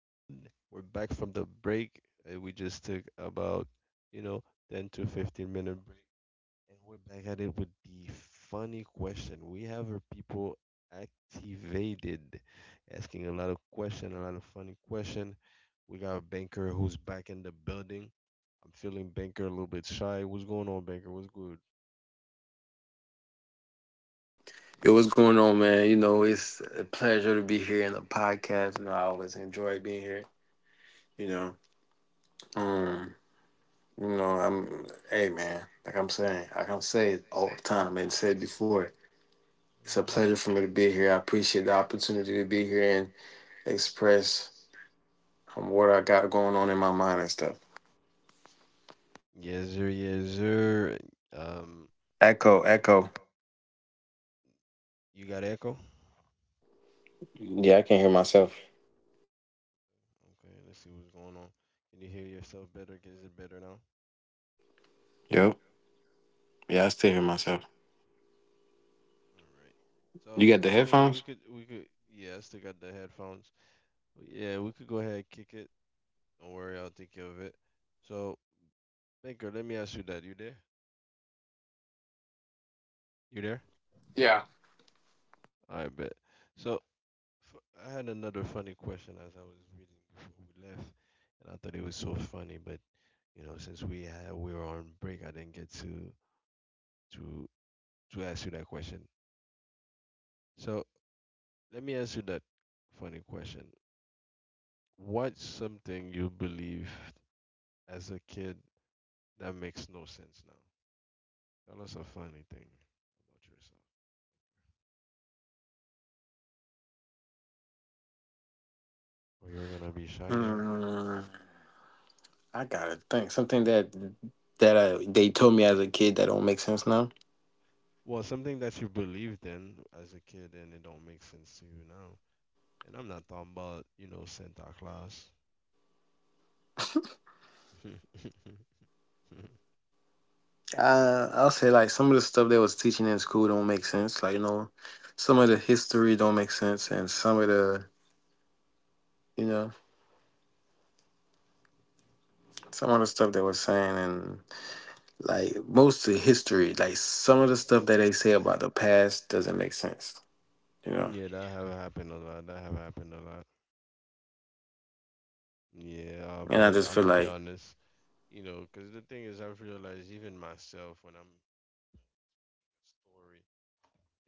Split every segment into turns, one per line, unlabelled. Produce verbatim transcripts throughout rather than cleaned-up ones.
pod. We're back from the break. Uh, we just took about, you know, ten to fifteen minute break, and we're back at it with the funny question. We have our people activated, asking a lot of question, a lot of funny question. We got a banker who's back in the building. I'm feeling banker a little bit shy. What's going on, banker? What's good?
Yo, what's going on, man? You know, it's a pleasure to be here in the podcast. You know, I always enjoy being here. You know, um, you know, I'm, Hey, man, like I'm saying, like I'm saying all the time and said before, it's a
Hmm.
pleasure for me to be here. I appreciate the opportunity to be here and express um, what I got going on in my mind and stuff.
Yes, sir. Yes, sir. Um,
Echo, echo.
you got echo?
Yeah, I can hear myself.
Okay, let's see what's going on. Can you hear yourself better? Is it better now?
Yep. Yeah, I still hear myself.
All right.
You
So,
got the
I mean, we
headphones?
could, we could, yeah, I still got the headphones. Yeah, we could go ahead and kick it. Don't worry, I'll take care of it. So, Baker, let me ask you that. You there? You there?
Yeah.
I bet. So, f- I had another funny question as I was reading before we left, and I thought it was so funny, but you know, since we had, we were on break, I didn't get to to to ask you that question. So, let me ask you that funny question. What's something you believed as a kid that makes no sense now? Tell us a funny thing about yourself. Oh, you're gonna be shy now?
Hmm. I gotta think something that that uh, they told me as a kid that don't make sense now.
Well, something that you believed in as a kid and it don't make sense to you now. And I'm not talking about, you know, Santa Claus.
Uh, I'll say like some of the stuff they was teaching in school don't make sense. Like you know, some of the history don't make sense, and some of the you know some of the stuff they were saying, and like most of the history, like some of the stuff that they say about the past doesn't make sense. You know,
Yeah, that have happened a lot. That have happened a lot. Yeah, uh,
and I
but
just
I'm
feel
gonna be
like,
honest, you know, because the thing is, I've realized even myself when I'm a story,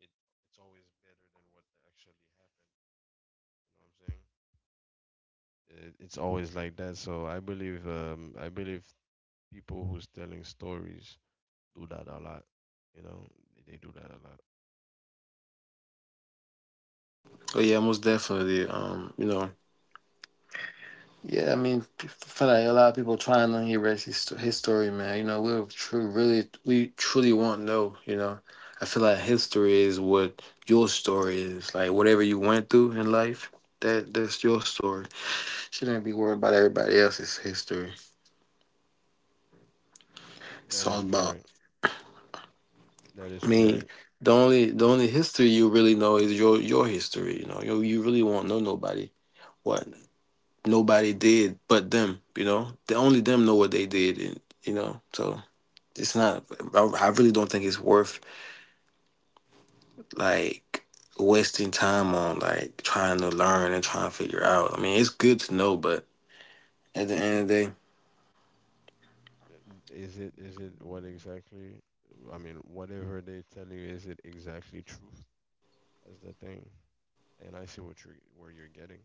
it it's always better than what actually happened. You know what I'm saying? It, it's always like that. So I believe um I believe people who's telling stories do that a lot. You know, they, they do that a lot.
oh yeah, most definitely. Um, you know, Yeah, I mean, I feel like a lot of people trying to erase his, his story, man. You know, we're true, really, we truly won't know. You know, I feel like history is what your story is. Like whatever you went through in life, that that's your story. Shouldn't be worried about everybody else's history. It's
That
all
is
about
correct. That
I
is
mean,
correct.
the only the only history you really know is your your history. You know, you you really won't know nobody what nobody did but them. You know, the only them know what they did, and you know so. It's not. I, I really don't think it's worth like wasting time on like trying to learn and trying to figure out. I mean, it's good to know, but at the end of the day,
Is it is it what exactly? I mean, whatever they tell you, is it exactly truth? That's the thing. And I see what you're where you're getting.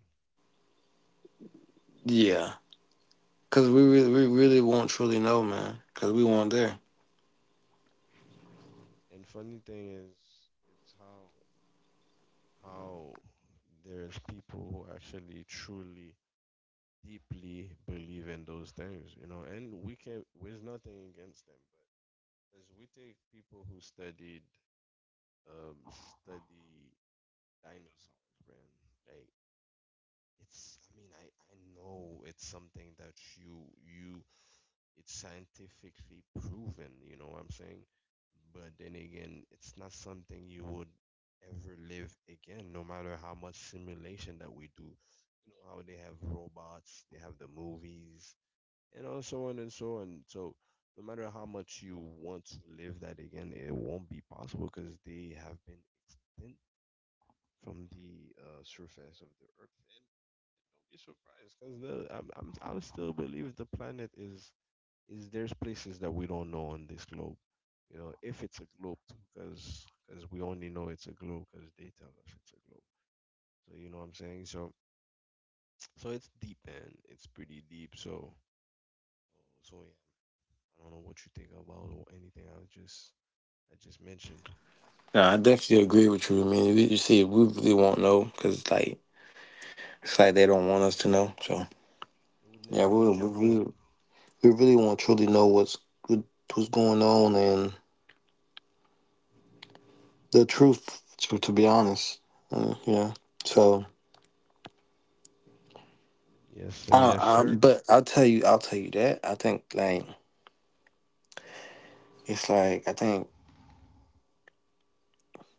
yeah, because we really, we really won't truly know, man, because we weren't there.
And funny thing is, it's how how there's people who actually truly deeply believe in those things, you know, and we can, there's nothing against them, but as we take people who studied, um, study dinosaurs, man, like it's, I mean, I, I know it's something that you, you, it's scientifically proven, you know what I'm saying? But then again, it's not something you would ever live again, no matter how much simulation that we do. You know how they have robots, they have the movies, you know, so on and so on. So no matter how much you want to live that again, it won't be possible because they have been extinct from the uh, surface of the earth. And don't be surprised because I'm, I'm, I still believe the planet is is there's places that we don't know on this globe. You know, if it's a globe, because because we only know it's a globe because they tell us it's a globe. So you know what I'm saying. So so it's deep, man. It's pretty deep. So oh, so yeah. I don't know what you think about or anything I was just I just mentioned.
Yeah, I definitely agree with you. I mean, we, you see, we really won't know because like it's like they don't want us to know. So
It would
yeah,
never
we
want to
we
know.
really, we really won't truly know what's what, what's going on and the truth. To, to be honest, uh, yeah. So.
Yes, sir.
I,
Yes,
I,
sir.
but I'll tell you, I'll tell you that. I think like it's like I think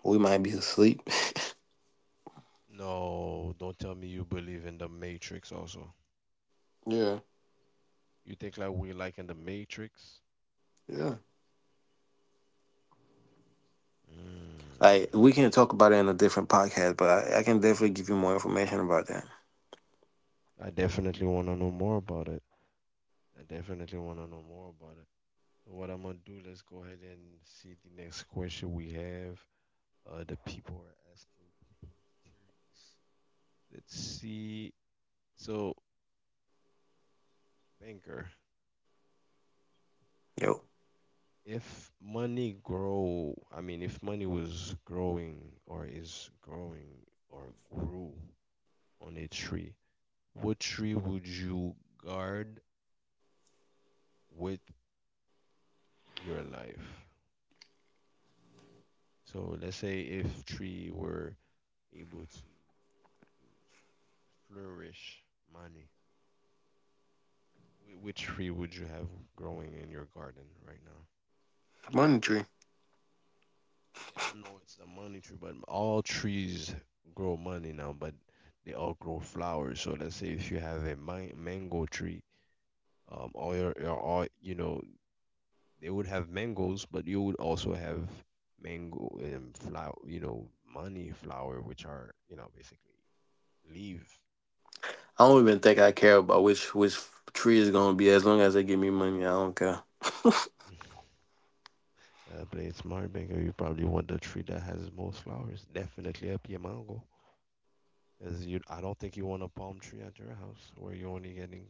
we might be asleep.
No, don't tell me you believe in the Matrix also.
yeah,
You think like we like in the Matrix?
yeah. Like
Mm.
we can talk about it in a different podcast, but I, I can definitely give you more information about that.
I definitely want to know more about it. I definitely want to know more about it. So what I'm gonna do? Let's go ahead and see the next question we have. Uh, the people are asking. People are curious. Let's see. So banker,
Yo,
if money grow, I mean, if money was growing or is growing or grew on a tree, what tree would you guard with your life? So let's say if tree were able to um, flourish money, wh- which tree would you have growing in your garden right now?
money tree.
Yeah, I know it's a money tree, but all trees grow money now, but they all grow flowers. So let's say if you have a man- mango tree, um, all your, your all you know, they would have mangoes, but you would also have mango and flower, you know, money flower, which are you know basically leaf.
I don't even think I care about which which tree is gonna be as long as they give me money. I don't care.
Uh, play it smart, Bingo. You probably want the tree that has most flowers. Definitely up your mango. Is you? I don't think you want a palm tree at your house where you're only getting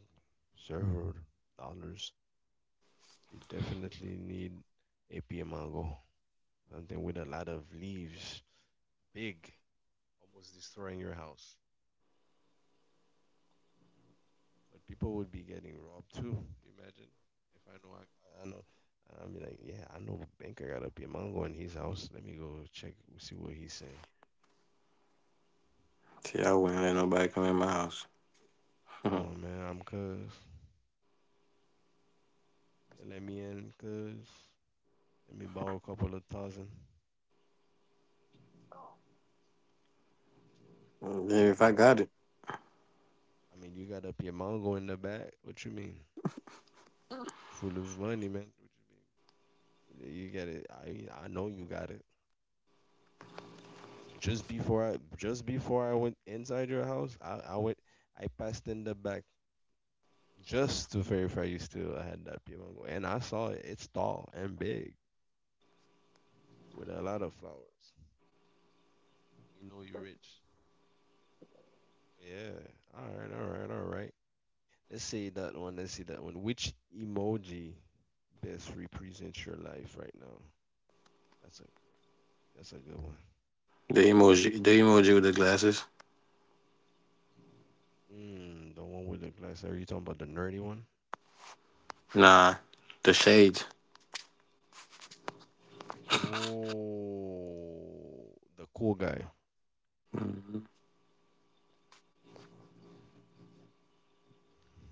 several dollars. You definitely need a pia mango, something with a lot of leaves, big, almost destroying your house. But people would be getting robbed too. Imagine if I know I, I know. I mean, like, yeah, I know a banker got a pia mango in his house. Let me go check, see what he's saying.
See, I wouldn't let nobody come in my house.
Come on, man, I'm cuz. You let me in, cuz. Let me borrow a couple of thousand. Let
Yeah,
me
if I
borrow.
got it,
I mean, you got up your mongo in the back. What you mean? Full of money, man. What you mean? You got it. I mean, I know you got it. Just before I, just before I went inside your house, I, I went, I passed in the back just to verify you still had that pure mango, and I saw it. It's tall and big with a lot of flowers. You know you're rich. Yeah. All right. All right. All right. Let's see that one. Let's see that one. Which emoji best represents your life right now? That's a that's a good one.
the emoji, the emoji with the glasses.
Mm, the one with the glass. Are You talking about the nerdy one?
Nah, the shades.
Oh, the cool guy.
Mhm.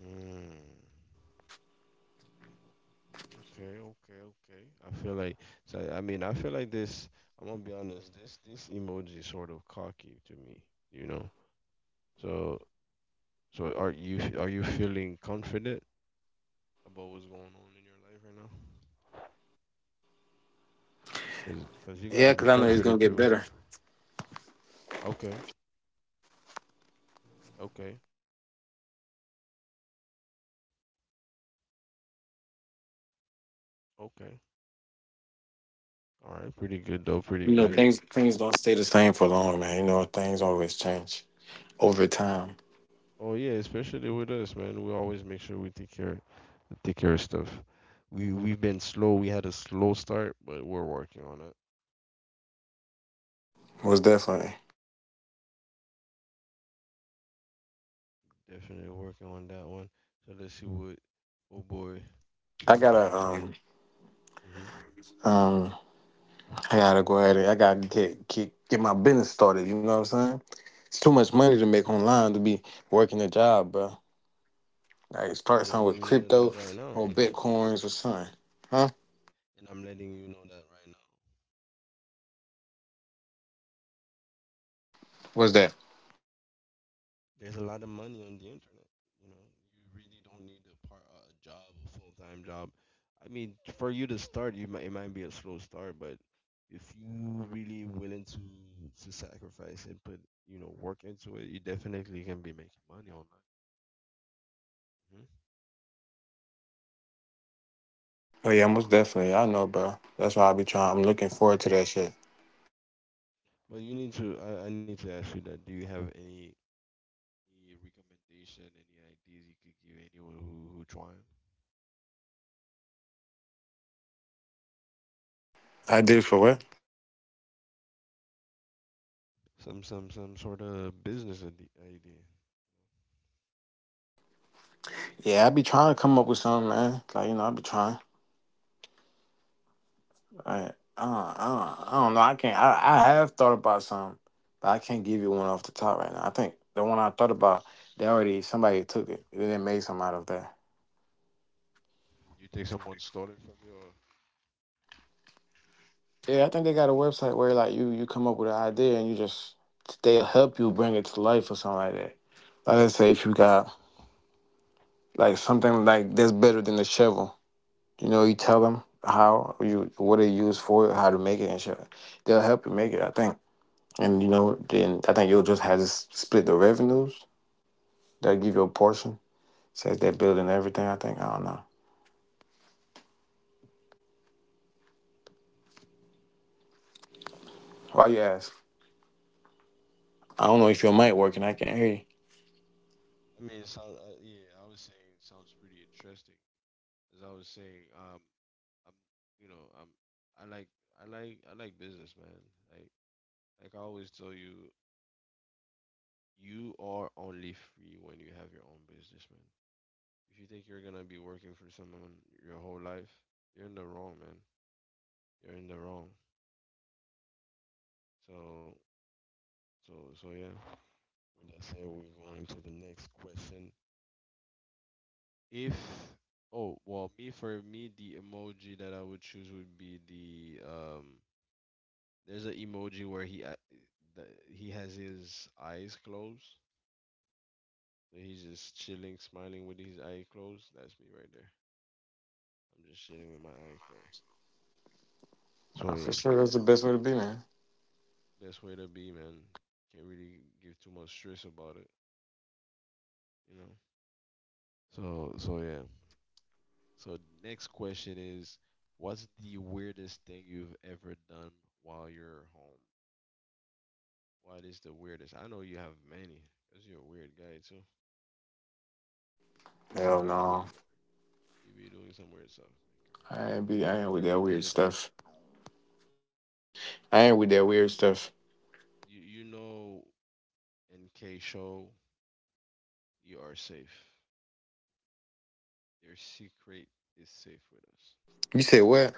Mm, okay, okay, okay. I feel like so. I mean, I feel like this. I'm gonna be honest. This this emoji is sort of cocky to me. You know. So so are you are you feeling confident about what's going on in your life right now? Cause 'cause you gotta
Yeah,
be
cause I know it's gonna
confident
get
through.
better.
Okay, okay, okay. All right, pretty good though. Pretty
You know,
good.
things things don't stay the same for long, man. You know, things always change over time.
Oh yeah, especially with us, man. We always make sure we take care take care of stuff. We we've been slow. We had a slow start, but we're working on it.
Most definitely.
Definitely working on that one. So let's see what oh boy,
I
champagne
gotta
shot.
um
Hmm.
um I gotta go at it. I gotta get get get my business started. You know what I'm saying? It's too much money to make online to be working a job, bro. Like start
I'm
something with
letting you know
crypto
that right now,
or bitcoins or something. Huh?
and I'm letting you know that right now.
What's that?
There's a lot of money on the internet. You know, you really don't need a part uh, a job, a full time job. I mean, for you to start, you might it might be a slow start, but if you really willing to to sacrifice and put you know work into it, you definitely can be making money online. Hmm.
Oh yeah, most definitely. I know, bro. That's why I be trying. I'm looking forward to that shit.
But you need to. I, I need to ask you that. Do you have any, any recommendation, any ideas you could give anyone who who trying? You
I
know,
did for what?
some some some sort of business ide- idea.
Yeah, I be trying to come up with something, man. Like you know, I be trying. I, I, don't- I, don't- I don't know. I can't. I, I have thought about some, but I can't give you one off the top right now. I think the one I thought about, they already somebody took it. They didn't make some out of that.
You think someone stolen from you? Or?
Yeah, I think they got a website where like you you come up with an idea and you just they'll help you bring it to life or something like that. Like let's say if you got like something like that's better than the shovel, you know, you tell them how you what they use for it, how to make it and shit. They'll help you make it. I think. And you know, then I think you'll just have to s- split the revenues. They'll give you a portion. Says they're building everything, I think. I don't know. Why you ask? I don't know if your mic working. I can't hear you.
I mean, it sounds uh, yeah. I was saying it sounds pretty interesting. As I was saying, um, I'm you know I'm I like I like I like business, man. Like like I always tell you, you are only free when you have your own business, man. If you think you're gonna be working for someone your whole life, you're in the wrong, man. You're in the wrong. So so so yeah. With that said, we're going to the next question. If Oh well, me for me the emoji that I would choose would be the um. There's an emoji where he a- the, he has his eyes closed, so he's just chilling, smiling with his eye closed. That's me right there. I'm just chilling with my eye closed.
Nah,
So
for
yeah,
sure, that's the best way to be, man.
best way to be, man. Can't really give too much stress about it, you know. So so yeah. So next question is, what's the weirdest thing you've ever done while you're home? What is the weirdest? I know you have many, cause you're a weird guy too. I know
Hell
you're a weird
no.
guy. You be doing some weird stuff, maker.
I ain't be. I ain't
Let
with
it
that
out. Let
weird
it out.
stuff. I ain't with that weird stuff.
You you know, in K show, you are safe. Your secret is safe with us.
You say what?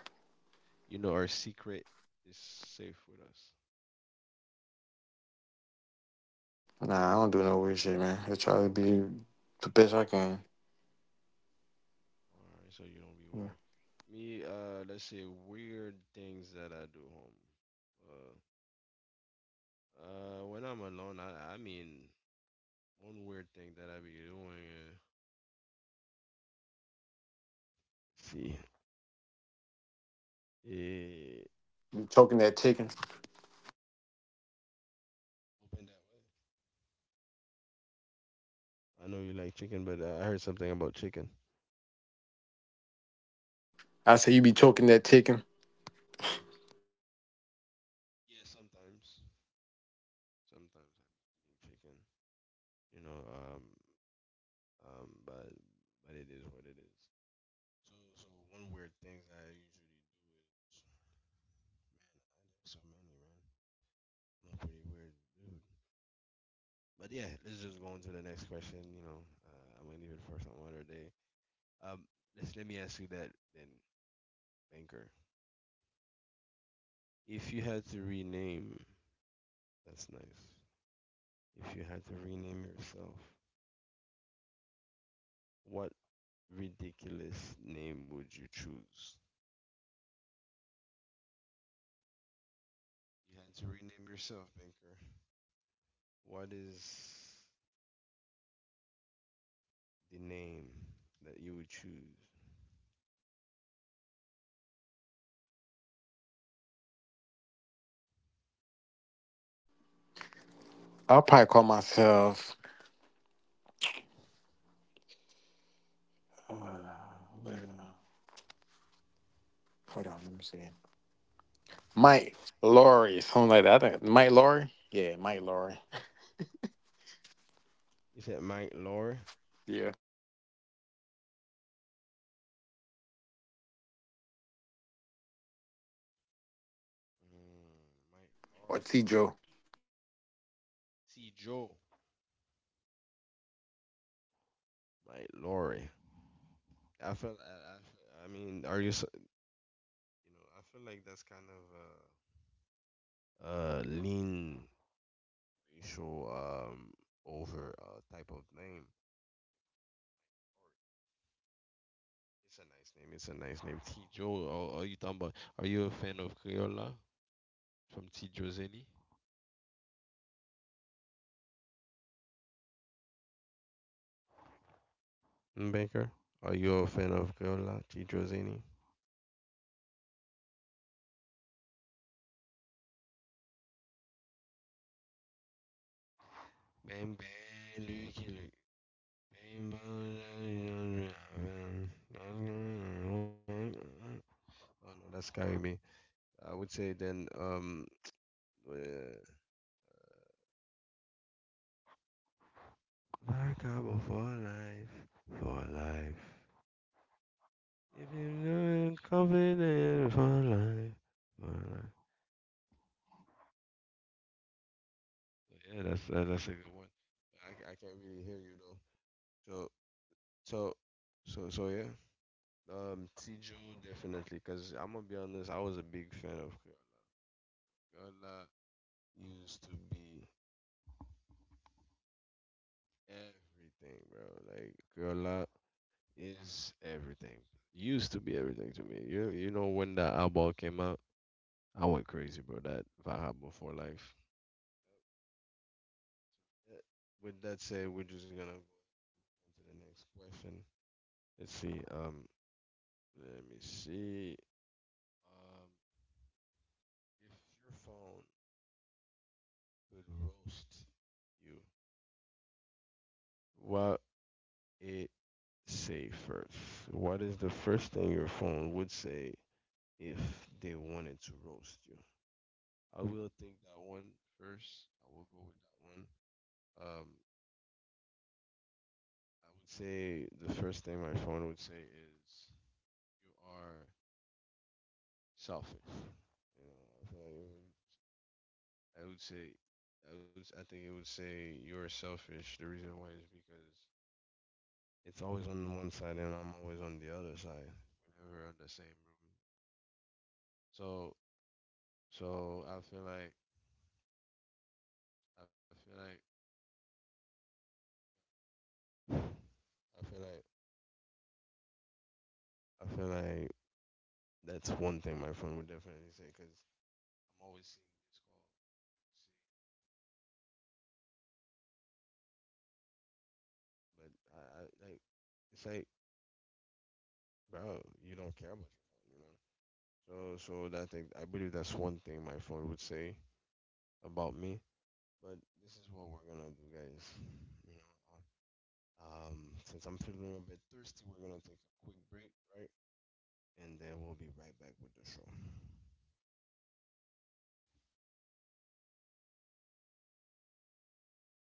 You know our secret is safe with us.
Nah, I don't do no weird shit, man. I try to be the best I can.
All right, so you don't be
Yeah.
weird. Me, uh, let's say weird things that I do home. Uh, uh, when I'm alone, I I mean, one weird thing that I be doing. Uh, see, yeah,
You choking that chicken?
open that way. I know you like chicken, but uh, I heard something about chicken.
I say you be choking that chicken.
Yeah, sometimes. Sometimes I be eating chicken, you know. Um, um, but but it is what it is. So so one weird thing that I usually do is nah, there's so many, man. I'm a pretty weird dude. But yeah, let's just go on to the next question. You know, uh, I'm gonna leave it for some other day. Um, let's let me ask you that then, banker. If you had to rename, that's nice. If you had to rename yourself,
If I had to
what
rename what,
ridiculous name would you choose? You had to rename yourself, Banker. What is the name that you would choose?
I'll probably call myself. Uh, wait a Hold on, let me see. Mike Laurie, something like that. I think Mike Laurie. Yeah, Mike Laurie.
You said Mike Laurie?
Yeah.
Mm, Mike
Or
Laurie.
T Joe.
See, Joe. Mike
I can't hear
Laurie.
you, man. What are you saying?
I feel, I, I, feel- I mean, are you, you know, I
What
feel like
about you,
it's
man?
kind
What would, what name would you choose? I can't hear you if you're
of
saying
a, a
something.
lean racial um, over uh, type of name. Or it's a nice name. It's a nice name. Tijo. Are, are you talking about? Are
Yeah.
you a fan of
Are you
Creola
are you still here with us, man?
from Tijo Zeni?
mister Carl, are you still on the podcast with us?
Mm, Baker. Are you a
Here
fan
you
of
go.
Creola, Tijo Zeni?
Here you go. Here we go. So yeah, um, so for me, like I said, you know, I would
Ben
um
ben Luke Luke.
I'll probably change my name
Ben
to Mike Laurie or
ben
mister Bruce Wayne. You know, mister Bruce Wayne, like Batman had a
Oh no,
lot of
that's carry me.
money on him.
I would say
So I'll
then
definitely
um.
call myself mister Bruce
Uh,
Wayne. You know what I mean? mister Bruce Wayne, pull up
Macabre
on the
for
haters in the mood
life,
saying,
for life.
you
If you
know, and
know
look
it,
at a hater like,
confident for
you shoot
life,
fucking
for life.
sane." You know what I'm saying? I'm like, hey, hey,
Yeah, that's uh, that's a good one.
hey,
I,
but
ca- I can't
yo,
really hear you
are
though.
you here?
So so
Cause
so so yeah.
the fans
Um, T. Joe
asking a lot of
definitely, cause
questions right
I'm
now.
gonna
I'm
be
reading
honest,
the
I was a
chat
big fan of Crayola.
and
Crayola
they're like, you,
used to
you
be
ran. Why they saying you ran from the?
everything, bro.
Um,
Like
from
Crayola
the pod, man. You
is
left, man. You
everything. Used to be
come
everything to
on
me.
now,
You
man.
you
You
know
know how
when
it
that
is.
album came
But
out, I went
as you
crazy, bro.
know,
That
and
Vahab
as you
before
can
life.
see, me,
With that said,
I've
we're just gonna
always
go to
try. I try the
the next
best to
question.
express myself and stuff
Let's
like
see.
that. But
Um,
it don't be
let
working
me
like it supposed
see.
to, you know. But you know,
Um,
how can we be? How can we be mad at that?
your phone
You know,
could
it's all
roast
good. I think
what
um,
it say
I think
first?
Carl had a
What is
little
the first thing your phone would
issue,
say if they
you know,
wanted to
like
roast
connection.
you? I will think that one first.
So
I will go
as
with
soon
that
as he
one.
get back,
Um,
we're gonna take a fifteen minutes break
I would
And we're
say
gonna
the
go
first thing my phone would say
we're gonna talk
is
about more topics, man. You
you
know, more
are
interesting stuff, like
selfish.
stuff that
You know, I feel like it would,
um
I
help
would
people
say,
in life. You know
I
what I'm
would, I
saying?
think it would
Like
say you're
life
selfish. The
situations
reason
and
why
stuff
is
like that,
because
man. You know, it, it-
it's
it's
always
all
on one side and I'm always on the other side.
it's
We're
all
never on the same
um
room.
it's part of the plan.
So
You know what I'm
So I feel
saying?
like,
Um, I think we got
feel
Carl back. Um,
like,
but yeah, you
I feel
know,
like,
like hey, we don't we don't try to complain about
I
nothing,
feel
man. But
like
we try
that's
to
one thing my friend would
enjoy the
definitely say. Cause
pod.
I'm
We had
always,
the fans here with us. They do the best they can. And we only got like ten more minutes
I,
left.
I like,
So I
it's
don't
like,
know what Carl want to do. I don't know if he
bro,
want to take a
you don't care
break
about
or
your phone, you know. So,
um
so that thing, I
if
believe
we're
that's
gonna keep
one thing my
going.
phone would say about
You know,
me.
cause me, I'm
But
man,
this
I'm,
is what
I'm
we're
good
gonna
for
do, guys.
anything, man. I'm, I,
You
I
know,
don't mind. You know,
um,
I'll
since
just
I'm
keep
feeling a
moving,
bit
keep
thirsty, we're
going,
gonna take
doing
a
my
quick
thing.
break,
You
right?
know, like I, I
And
lo-
then
love
we'll be
making
right
music
back
too,
with the
man.
show.
So that's the part of the thing. You know, just talking about a whole bunch of nothing. I